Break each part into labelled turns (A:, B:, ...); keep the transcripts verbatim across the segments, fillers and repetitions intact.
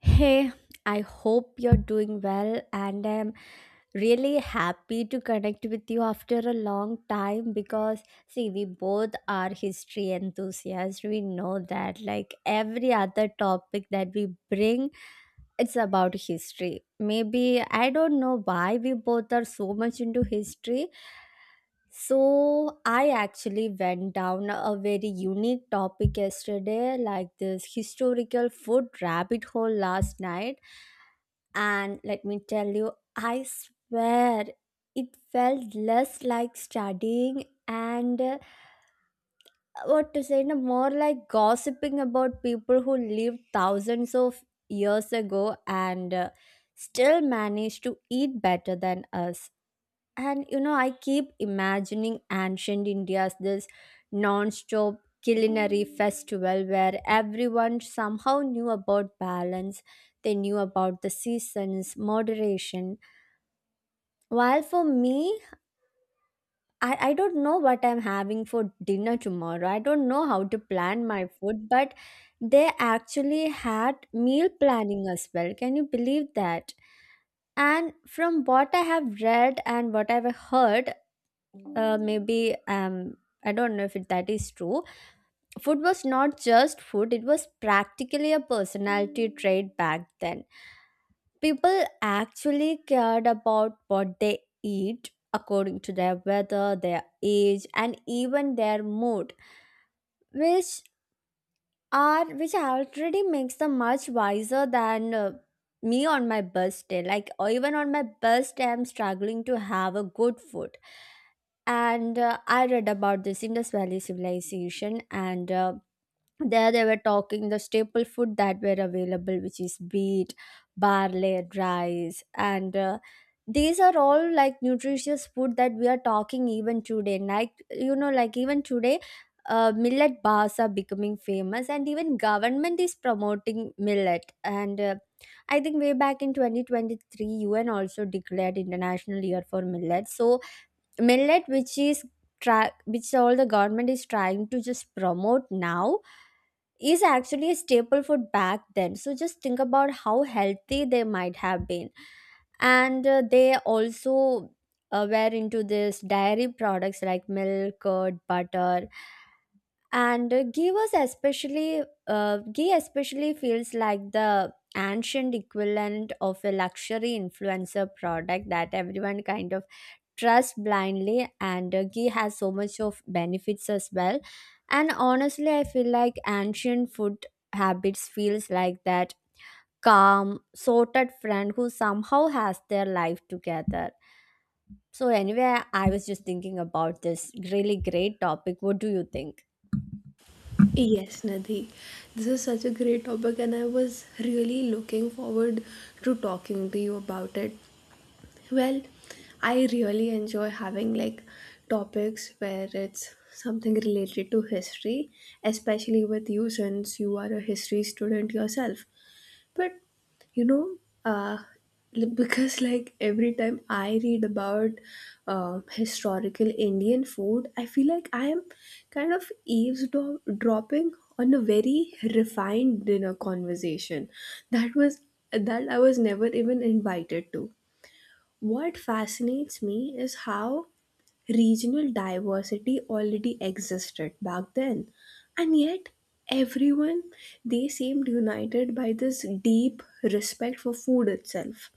A: Hey, I hope you're doing well, and I'm really happy to connect with you after a long time because, see, we both are history enthusiasts. We know that, like, every other topic that we bring, it's about history. Maybe I don't know why we both are so much into history. So, I actually went down a very unique topic yesterday, like this historical food rabbit hole last night, and let me tell you, I swear it felt less like studying and uh, what to say, no, more like gossiping about people who lived thousands of years ago and uh, still managed to eat better than us. And you know, I keep imagining ancient India's this non-stop culinary festival where everyone somehow knew about balance. They knew about the seasons, moderation. Well, for me, I, I don't know what I'm having for dinner tomorrow. I don't know how to plan my food, but they actually had meal planning as well. Can you believe that? And from what I have read and what I've heard, uh, maybe um, I don't know if it, that is true. Food was not just food; it was practically a personality trait back then. People actually cared about what they eat according to their weather, their age, and even their mood, which are which already makes them much wiser than uh, me on my best day. Like, or even on my best day, I'm struggling to have a good food. And uh, I read about this Indus Valley civilization, and uh, there they were talking the staple food that were available, which is wheat, barley, rice, and uh, these are all like nutritious food that we are talking even today, like you know, like even today uh, millet bars are becoming famous, and even government is promoting millet. And uh, I think way back in twenty twenty-three U N also declared international year for millet. So millet, which is try which all the government is trying to just promote now, is actually a staple food back then. So just think about how healthy they might have been. And uh, they also uh, were into this dairy products like milk, curd, butter, and uh, ghee was especially uh, ghee especially feels like the ancient equivalent of a luxury influencer product that everyone kind of trust blindly. And uh, ghee has so much of benefits as well. And honestly, I feel like ancient food habits feels like that calm sorted friend who somehow has their life together. So anyway, I was just thinking about this really great topic. What do you think?
B: Yes, Nadi. This is such a great topic, and I was really looking forward to talking to you about it. Well, I really enjoy having like topics where it's something related to history, especially with you since you are a history student yourself. But you know, uh, li- because like every time I read about uh, historical Indian food, I feel like I am kind of eavesdropping on a very refined dinner conversation that was that I was never even invited to. What fascinates me is how regional diversity already existed back then, and yet everyone they seemed united by this deep respect for food itself.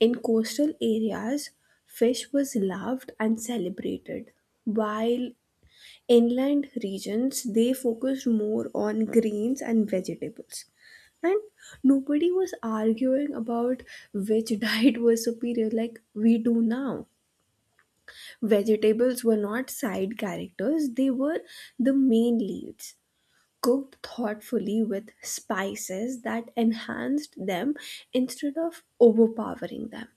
B: In coastal areas, fish was loved and celebrated, while inland regions they focused more on grains and vegetables, and nobody was arguing about which diet was superior like we do now. Vegetables were not side characters, they were the main leads, cooked thoughtfully with spices that enhanced them instead of overpowering them.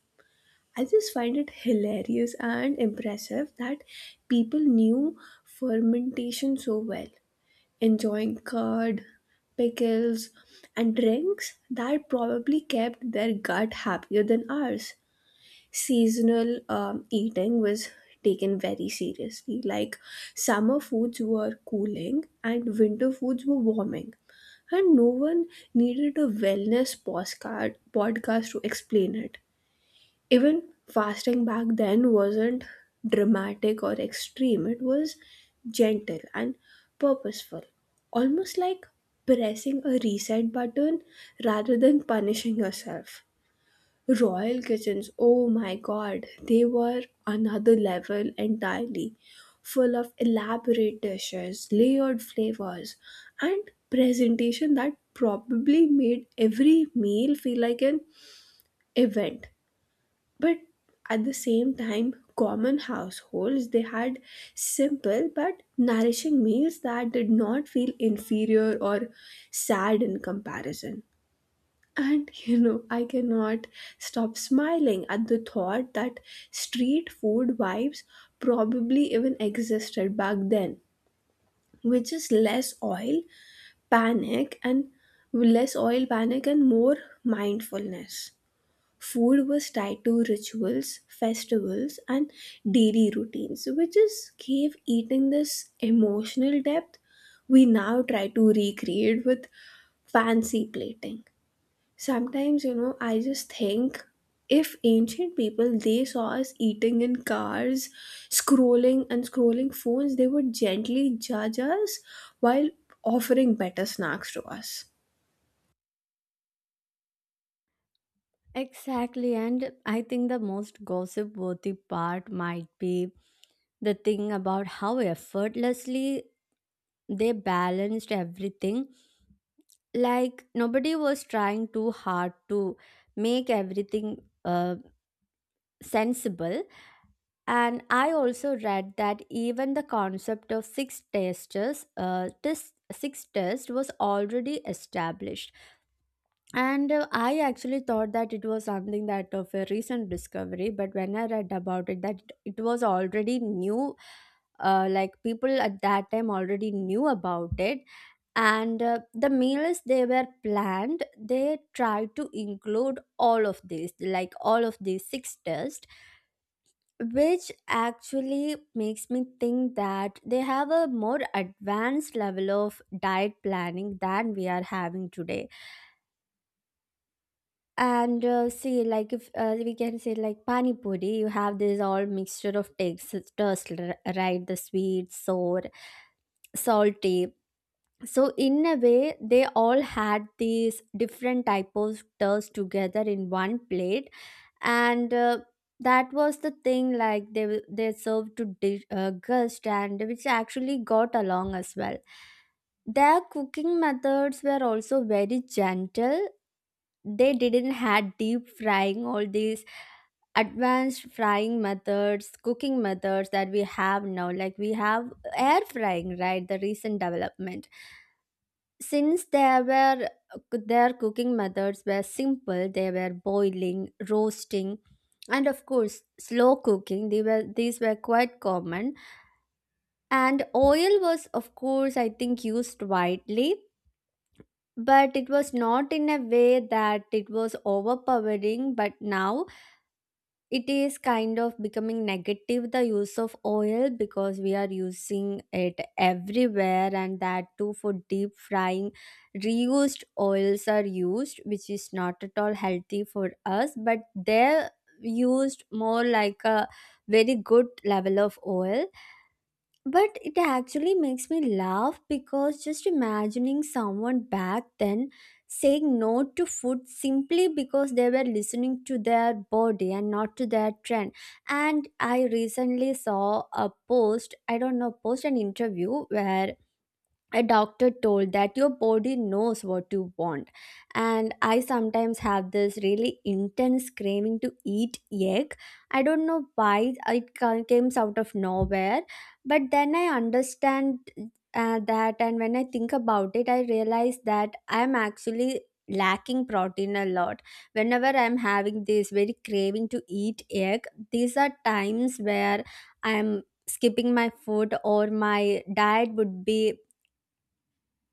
B: I just find it hilarious and impressive that people knew fermentation so well, enjoying curd, pickles, and drinks that probably kept their gut happier than ours. Seasonal um, eating was taken very seriously. Like summer foods were cooling and winter foods were warming. And no one needed a wellness postcard, podcast to explain it. Even fasting back then wasn't dramatic or extreme, it was gentle and purposeful, almost like pressing a reset button rather than punishing yourself. Royal kitchens, oh my god, they were another level entirely, full of elaborate dishes, layered flavors, and presentation that probably made every meal feel like an event. But at the same time, common households they had simple but nourishing meals that did not feel inferior or sad in comparison. And you know, I cannot stop smiling at the thought that street food vibes probably even existed back then, which is less oil panic and less oil panic and more mindfulness. Food was tied to rituals, festivals, and daily routines, which just gave eating this emotional depth we now try to recreate with fancy plating. Sometimes, you know, I just think if ancient people they saw us eating in cars, scrolling and scrolling phones, they would gently judge us while offering better snacks to us.
A: Exactly, and I think the most gossip worthy part might be the thing about how effortlessly they balanced everything. Like nobody was trying too hard to make everything uh, sensible. And I also read that even the concept of six testers, uh, this six test was already established. And uh, I actually thought that it was something that of a recent discovery, but when I read about it, that it was already new. Uh, like people at that time already knew about it, and uh, the meals they were planned. They tried to include all of these, like all of these six tests, which actually makes me think that they have a more advanced level of diet planning than we are having today. And uh, see, like if uh, we can say like pani puri, you have this all mixture of textures, right? The sweet, sour, salty, so in a way they all had these different type of tours together in one plate. And uh, that was the thing, like they w- they served to di- uh, guest, and which actually got along as well. Their cooking methods were also very gentle. They didn't had deep frying, all these advanced frying methods, cooking methods that we have now, like we have air frying, right, the recent development. Since there were Their cooking methods were simple, they were boiling, roasting, and of course slow cooking. They were these were quite common, and oil was of course I think used widely, but it was not in a way that it was overpowering. But now it is kind of becoming negative, the use of oil, because we are using it everywhere and that too for deep frying. Reused oils are used, which is not at all healthy for us, but they're used more like a very good level of oil. But it actually makes me laugh because just imagining someone back then saying no to food simply because they were listening to their body and not to their trend. And I recently saw a post, I don't know, post an interview where a doctor told that your body knows what you want. And I sometimes have this really intense craving to eat egg. I don't know why. It ca- comes out of nowhere, but then I understand uh, that. And when I think about it, I realize that I'm actually lacking protein a lot. Whenever I'm having this very craving to eat egg, these are times where I'm skipping my food, or my diet would be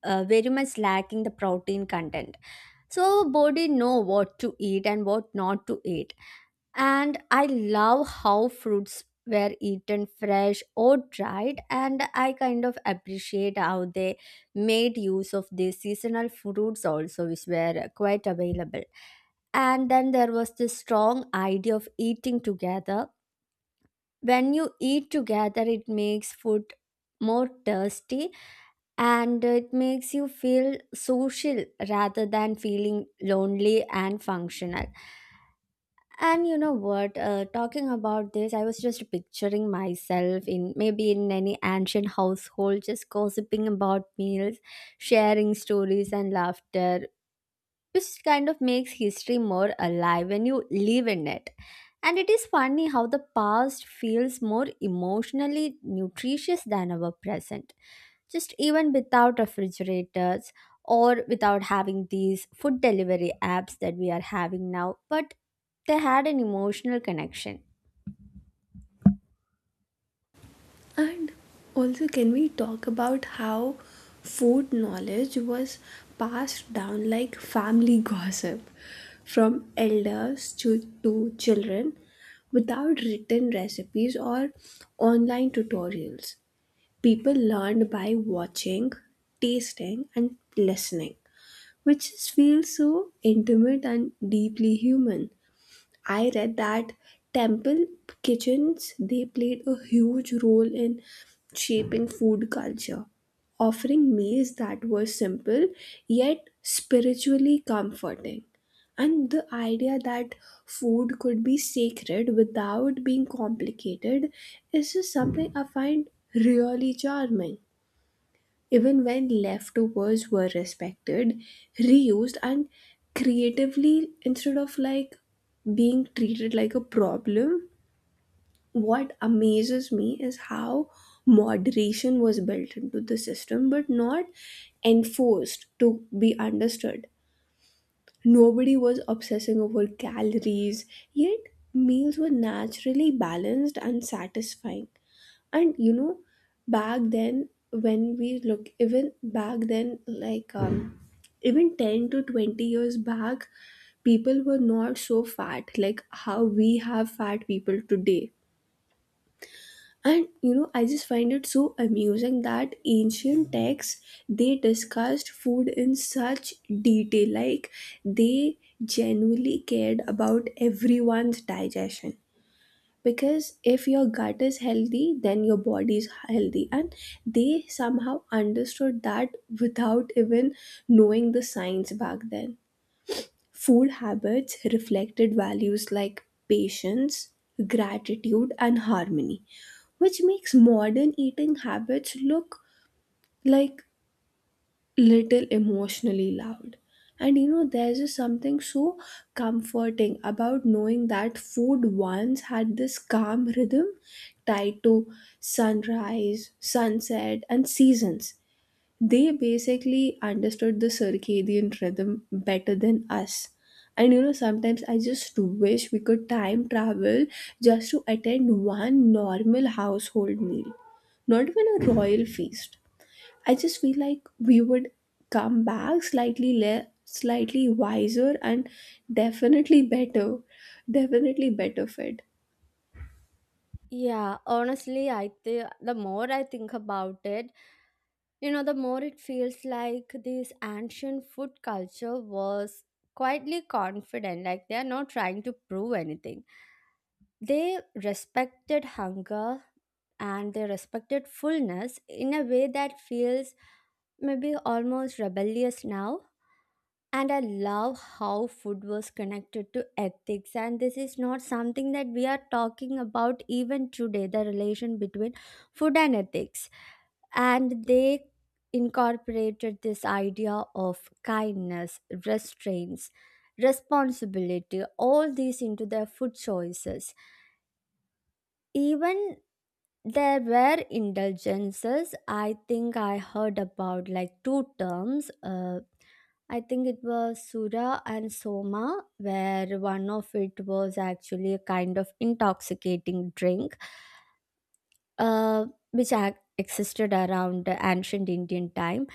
A: uh, very much lacking the protein content. So body know what to eat and what not to eat. And I love how fruits were eaten fresh or dried, and I kind of appreciate how they made use of the seasonal fruits also, which were quite available. And then there was this strong idea of eating together. When you eat together, it makes food more tasty, and it makes you feel social rather than feeling lonely and functional. And you know what, uh, talking about this, I was just picturing myself in maybe in any ancient household, just gossiping about meals, sharing stories and laughter, which kind of makes history more alive when you live in it. And it is funny how the past feels more emotionally nutritious than our present, just even without refrigerators or without having these food delivery apps that we are having now, but they had an emotional connection.
B: And also, can we talk about how food knowledge was passed down like family gossip from elders to, to children without written recipes or online tutorials? People learned by watching, tasting, and listening, which just feels so intimate and deeply human. I read that temple kitchens they played a huge role in shaping food culture, offering meals that were simple yet spiritually comforting. And the idea that food could be sacred without being complicated is just something I find really charming. Even when leftovers were respected, reused, and creatively instead of like being treated like a problem, what amazes me is how moderation was built into the system but not enforced to be understood. Nobody was obsessing over calories, yet meals were naturally balanced and satisfying. And you know, back then, when we look even back then, like um even ten to twenty years back, people were not so fat like how we have fat people today. And you know, I just find it so amusing that ancient texts they discussed food in such detail, like they genuinely cared about everyone's digestion, because if your gut is healthy then your body is healthy. And they somehow understood that without even knowing the science back then. Food habits reflected values like patience, gratitude, and harmony, which makes modern eating habits look like little emotionally loud. And you know, there's just something so comforting about knowing that food once had this calm rhythm tied to sunrise, sunset, and seasons. They basically understood the circadian rhythm better than us. And you know, sometimes I just wish we could time travel, just to attend one normal household meal, not even a royal feast. I just feel like we would come back slightly le- slightly wiser and definitely better, definitely better fed.
A: Yeah, honestly I think the more I think about it, you know, the more it feels like this ancient food culture was quietly confident. Like they are not trying to prove anything. They respected hunger, and they respected fullness in a way that feels maybe almost rebellious now. And I love how food was connected to ethics. And this is not something that we are talking about even today, the relation between food and ethics. And they incorporated this idea of kindness, restraints, responsibility, all these into their food choices. Even there were indulgences. I think I heard about like two terms. Uh, I think it was Sura and Soma, where one of it was actually a kind of intoxicating drink, uh, which ac- existed around the ancient Indian time.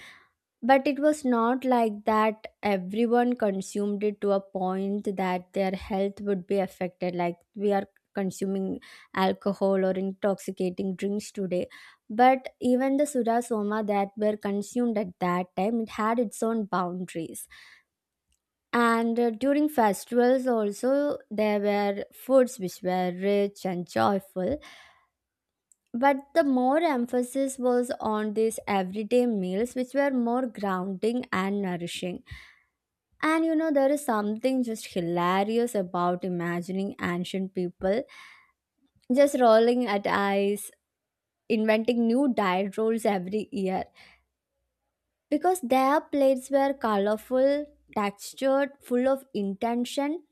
A: But it was not like that everyone consumed it to a point that their health would be affected, like we are consuming alcohol or intoxicating drinks today. But even the Sudha Soma that were consumed at that time, it had its own boundaries. And uh, during festivals, also, there were foods which were rich and joyful. But the more emphasis was on these everyday meals, which were more grounding and nourishing. And you know, there is something just hilarious about imagining ancient people just rolling at eyes, inventing new diet rules every year, because their plates were colorful, textured, full of intention,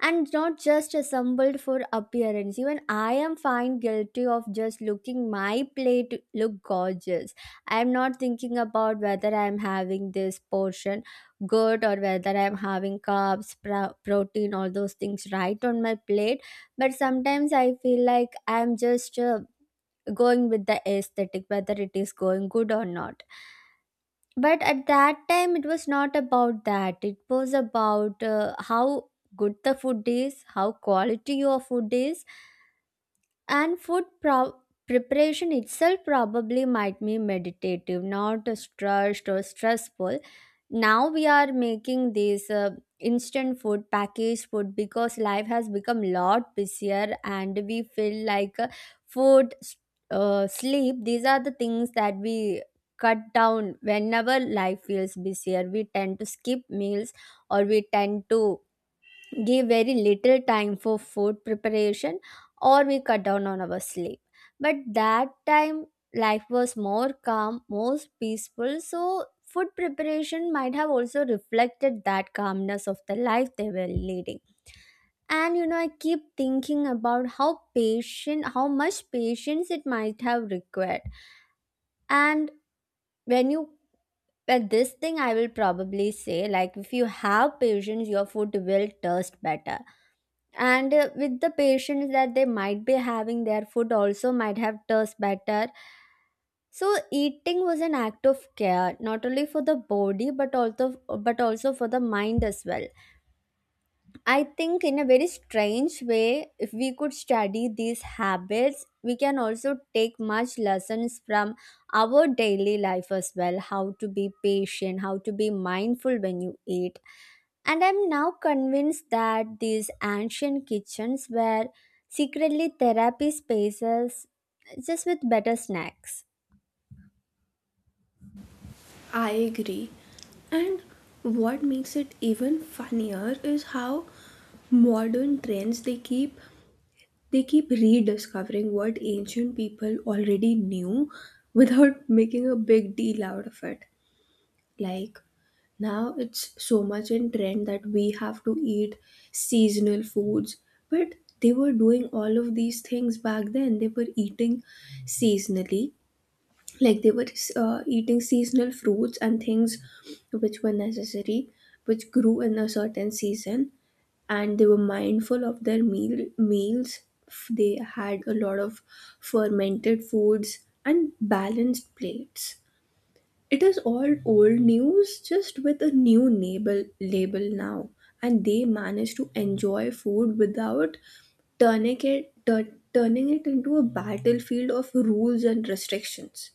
A: and not just assembled for appearance. Even I am fine guilty of just looking my plate look gorgeous. I am not thinking about whether I am having this portion good, or whether I am having carbs, pro- protein, all those things right on my plate. But sometimes I feel like I am just uh, going with the aesthetic, whether it is going good or not. But at that time it was not about that. It was about uh, how good the food is, how quality your food is. And food pro- preparation itself probably might be meditative, not stressed or stressful. Now we are making these uh, instant food, packaged food, because life has become a lot busier, and we feel like uh, food s- uh, sleep, these are the things that we cut down. Whenever life feels busier, we tend to skip meals, or we tend to give very little time for food preparation, or we cut down on our sleep. But that time life was more calm, more peaceful, so food preparation might have also reflected that calmness of the life they were leading. And you know, I keep thinking about how patient, how much patience it might have required. And when you, well, this thing I will probably say, like, if you have patience, your food will taste better. And uh, with the patience that they might be having, their food also might have taste better. So eating was an act of care, not only for the body but also but also for the mind as well. I think, in a very strange way, if we could study these habits, we can also take much lessons from our daily life as well how to be patient, how to be mindful when you eat. And I'm now convinced that these ancient kitchens were secretly therapy spaces just with better snacks.
B: I agree. And what makes it even funnier is how modern trends they keep they keep rediscovering what ancient people already knew without making a big deal out of it. Like, now it's so much in trend that we have to eat seasonal foods, but they were doing all of these things back then. They were eating seasonally, like they were uh, eating seasonal fruits and things which were necessary, which grew in a certain season, and they were mindful of their meal meals. F- they had a lot of fermented foods and balanced plates. It is all old news, just with a new label, label now. And they manage to enjoy food without turning it, tur- turning it into a battlefield of rules and restrictions.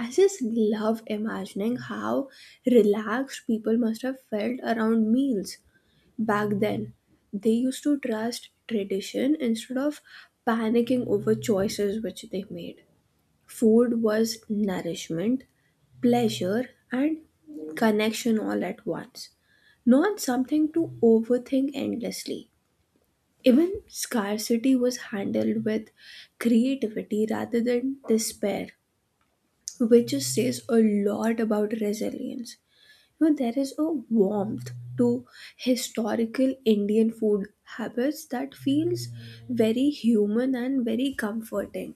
B: I just love imagining how relaxed people must have felt around meals back then. They used to trust tradition instead of panicking over choices which they made. Food was nourishment, pleasure, and connection all at once, not something to overthink endlessly. Even scarcity was handled with creativity rather than despair, which just says a lot about resilience. You know, there is a warmth to historical Indian food habits that feels very human and very comforting.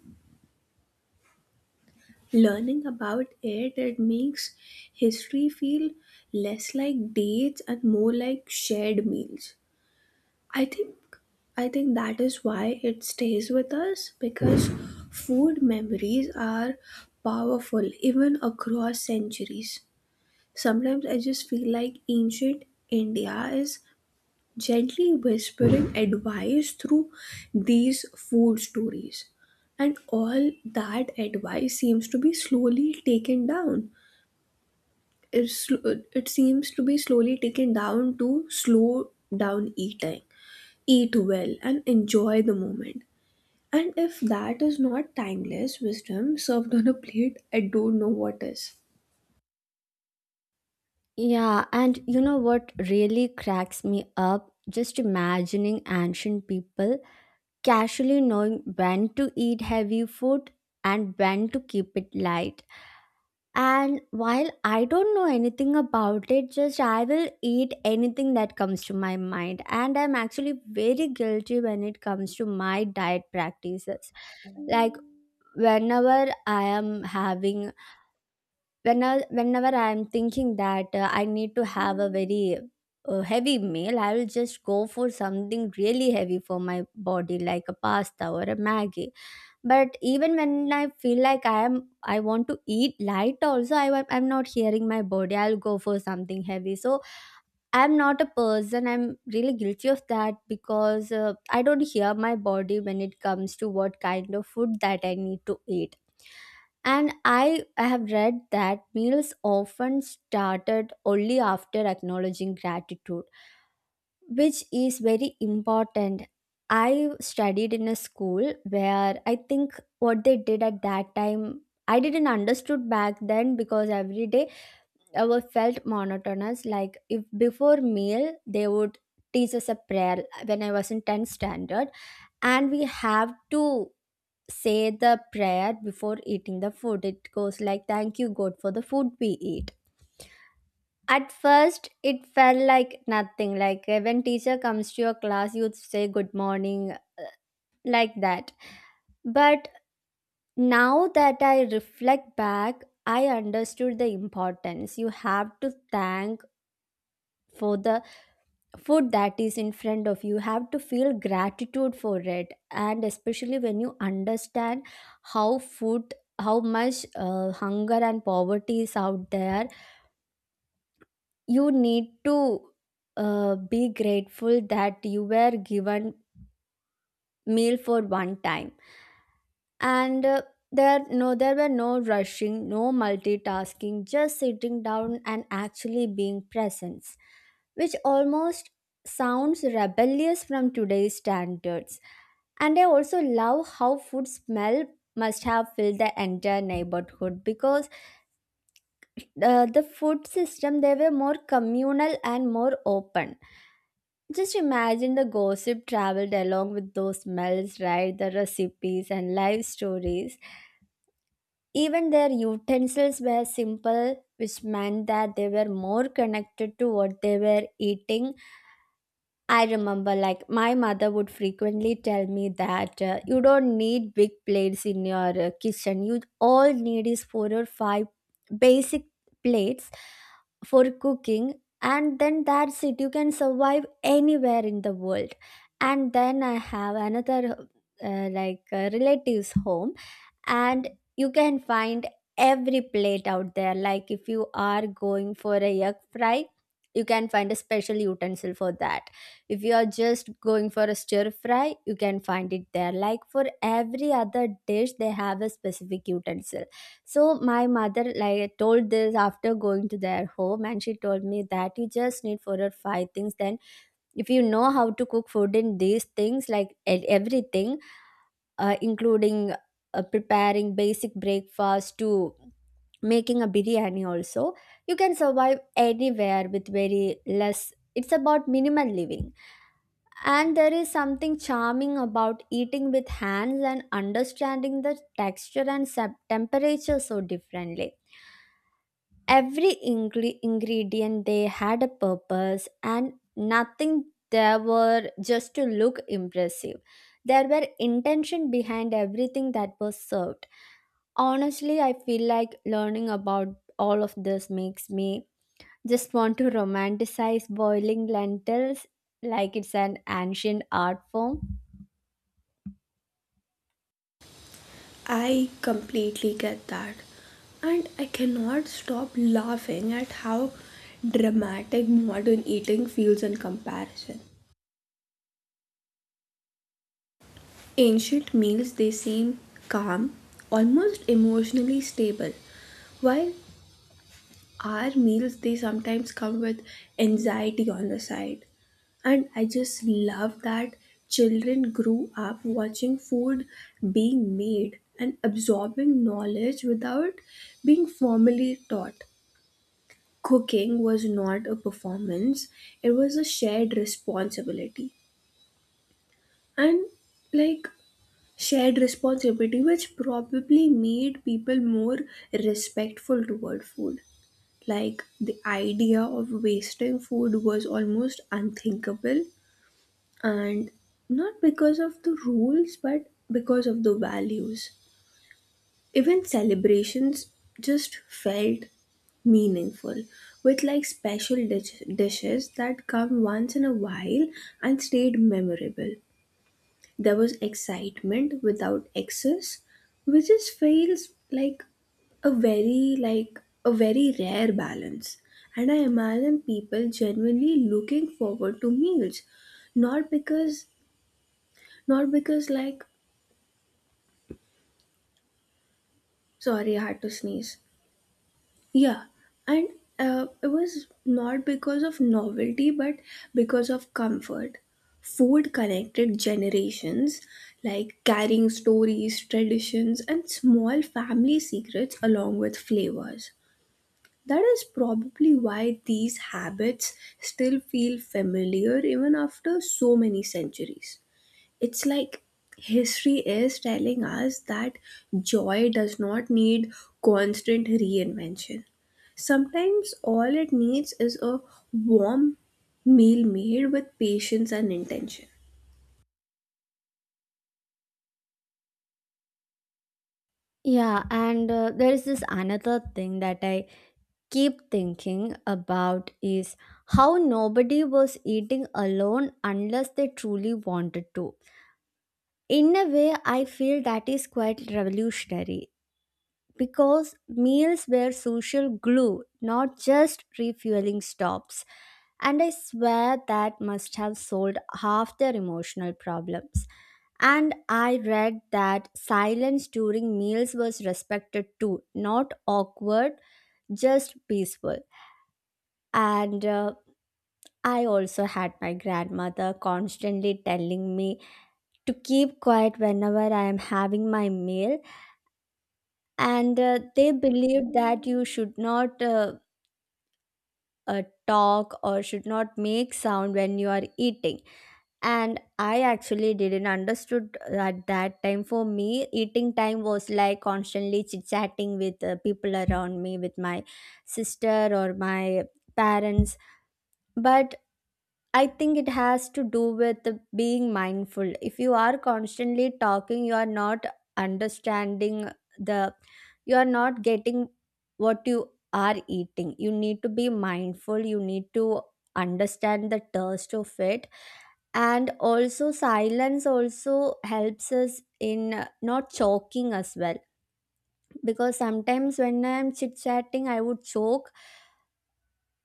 B: Learning about it, it makes history feel less like dates and more like shared meals. I think I think that is why it stays with us, because food memories are powerful even across centuries. Sometimes I just feel like ancient India is gently whispering advice through these food stories. And all that advice seems to be slowly taken down. It, sl- it seems to be slowly taken down to slow down eating, eat well, and enjoy the moment. And if that is not timeless wisdom served on a plate, I don't know what is.
A: Yeah, and you know what really cracks me up? Just imagining ancient people casually knowing when to eat heavy food and when to keep it light. And while I don't know anything about it, just I will eat anything that comes to my mind. And I'm actually very guilty when it comes to my diet practices. Like whenever I am having, whenever whenever I am thinking that uh, I need to have a very a heavy meal, I will just go for something really heavy for my body, like a pasta or a Maggi, but even when I feel like I am, I want to eat light also, i am- I'm not hearing my body, I'll go for something heavy. So I'm not a person, I'm really guilty of that because uh, I don't hear my body when it comes to what kind of food that I need to eat. And i i have read that meals often started only after acknowledging gratitude, which is very important. I studied in a school where I think what they did at that time I didn't understood back then, because every day our felt monotonous. Like if before meal they would teach us a prayer when I was in tenth standard, and we have to say the prayer before eating the food. It goes like thank you God for the food we eat. At first, it felt like nothing. Like uh, when teacher comes to your class, you'd say good morning, like that. But now that I reflect back, I understood the importance. You have to thank for the food that is in front of you. You have to feel gratitude for it. And especially when you understand how food, how much uh, hunger and poverty is out there, you need to uh, be grateful that you were given meal for one time. And uh, there no there were no rushing, no multitasking, just sitting down and actually being present, which almost sounds rebellious from today's standards. And I also love how food smell must have filled the entire neighborhood, because uh, the food system, they were more communal and more open. Just imagine the gossip traveled along with those smells, right? The recipes and life stories. Even their utensils were simple, which meant that they were more connected to what they were eating. I remember, like, my mother would frequently tell me that uh, you don't need big plates in your uh, kitchen. You all need is four or five basic plates for cooking, and then that's it. You can survive anywhere in the world. And then I have another, uh, like, uh, relative's home, and you can find every plate out there. Like if you are going for a yak fry, you can find a special utensil for that. If you are just going for a stir fry, you can find it there. Like for every other dish they have a specific utensil. So my mother like told this after going to their home, and she told me that you just need four or five things. Then if you know how to cook food in these things, like e- everything uh, including uh, preparing basic breakfast to making a biryani also, you can survive anywhere with very less. It's about minimal living. And there is something charming about eating with hands and understanding the texture and sub- temperature so differently. Every ingre- ingredient they had a purpose, and nothing there were just to look impressive. There were intention behind everything that was served. Honestly, I feel like learning about all of this makes me just want to romanticize boiling lentils like it's an ancient art form.
B: I completely get that. And I cannot stop laughing at how dramatic modern eating feels in comparison. Ancient meals, they seem calm, almost emotionally stable, while our meals, they sometimes come with anxiety on the side. And I just love that children grew up watching food being made and absorbing knowledge without being formally taught. Cooking was not a performance, it was a shared responsibility. And like shared responsibility, which probably made people more respectful toward food. Like the idea of wasting food was almost unthinkable, and not because of the rules, but because of the values. Even celebrations just felt meaningful, with like special dish- dishes that come once in a while and stayed memorable. There was excitement without excess, which just feels like a very like a very rare balance. And I imagine people genuinely looking forward to meals, not because not because like sorry, I had to sneeze. Yeah, and uh, it was not because of novelty, but because of comfort. Food connected generations, like carrying stories, traditions, and small family secrets along with flavors. That is probably why these habits still feel familiar even after so many centuries. It's like history is telling us that joy does not need constant reinvention. Sometimes all it needs is a warm meal made with patience and intention.
A: Yeah, and uh, there is this another thing that I keep thinking about is how nobody was eating alone unless they truly wanted to. In a way, I feel that is quite revolutionary, because meals were social glue, not just refueling stops. And I swear that must have solved half their emotional problems. And I read that silence during meals was respected too, not awkward, just peaceful. And uh, I also had my grandmother constantly telling me to keep quiet whenever I am having my meal. And uh, they believed that you should not uh, uh, talk or should not make sound when you are eating. And I actually didn't understood at that time. For me eating time was like constantly chit chatting with uh, people around me, with my sister or my parents. But I think it has to do with being mindful. If you are constantly talking, you are not understanding the, you are not getting what you are eating. You need to be mindful. You need to understand the taste of it. And also, silence also helps us in uh, not choking as well. Because sometimes when I'm chit chatting, I would choke.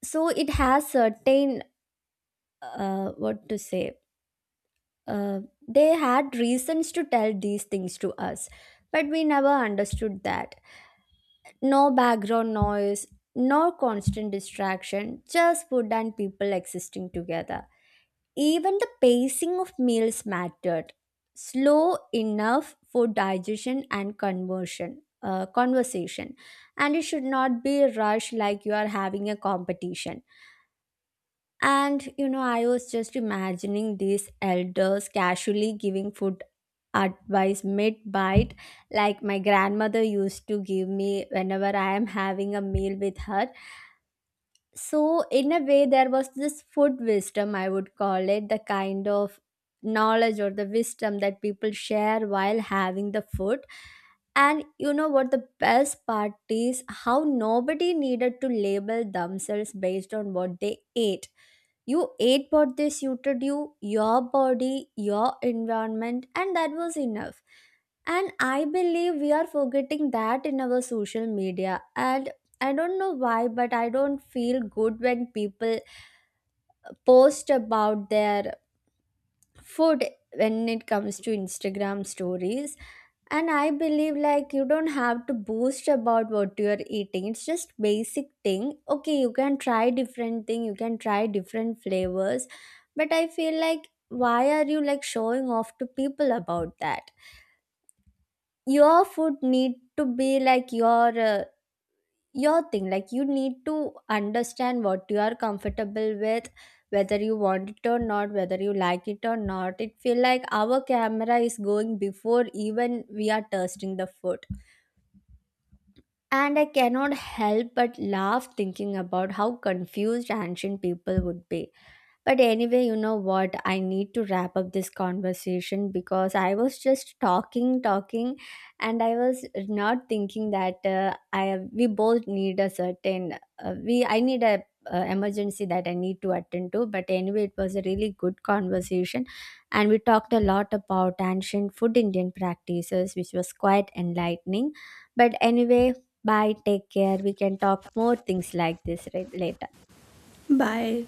A: So it has certain, uh, what to say, uh, they had reasons to tell these things to us, but we never understood that. No background noise, no constant distraction, just food and people existing together. Even the pacing of meals mattered, slow enough for digestion and conversion uh, conversation, and it should not be rushed like you are having a competition. And you know, I was just imagining these elders casually giving food advice mid bite, like my grandmother used to give me whenever I am having a meal with her. So, in a way, there was this food wisdom, I would call it, the kind of knowledge or the wisdom that people share while having the food. And you know what the best part is? How nobody needed to label themselves based on what they ate. You ate what they suited you, your body, your environment, and that was enough. And I believe we are forgetting that in our social media. And I don't know why, but I don't feel good when people post about their food when it comes to Instagram stories. And I believe like you don't have to boast about what you are eating. It's just basic thing. Okay, you can try different thing, you can try different flavors, but I feel like why are you like showing off to people about that? Your food need to be like your uh, your thing. Like you need to understand what you are comfortable with, whether you want it or not, whether you like it or not. It feel like our camera is going before even we are tasting the food. And I cannot help but laugh thinking about how confused ancient people would be. But anyway, you know what? I need to wrap up this conversation because I was just talking, talking, and I was not thinking that uh, I we both need a certain, uh, we I need a uh, emergency that I need to attend to. But anyway, it was a really good conversation, and we talked a lot about ancient food Indian practices, which was quite enlightening. But anyway, bye. Take care. We can talk more things like this right, later.
B: Bye.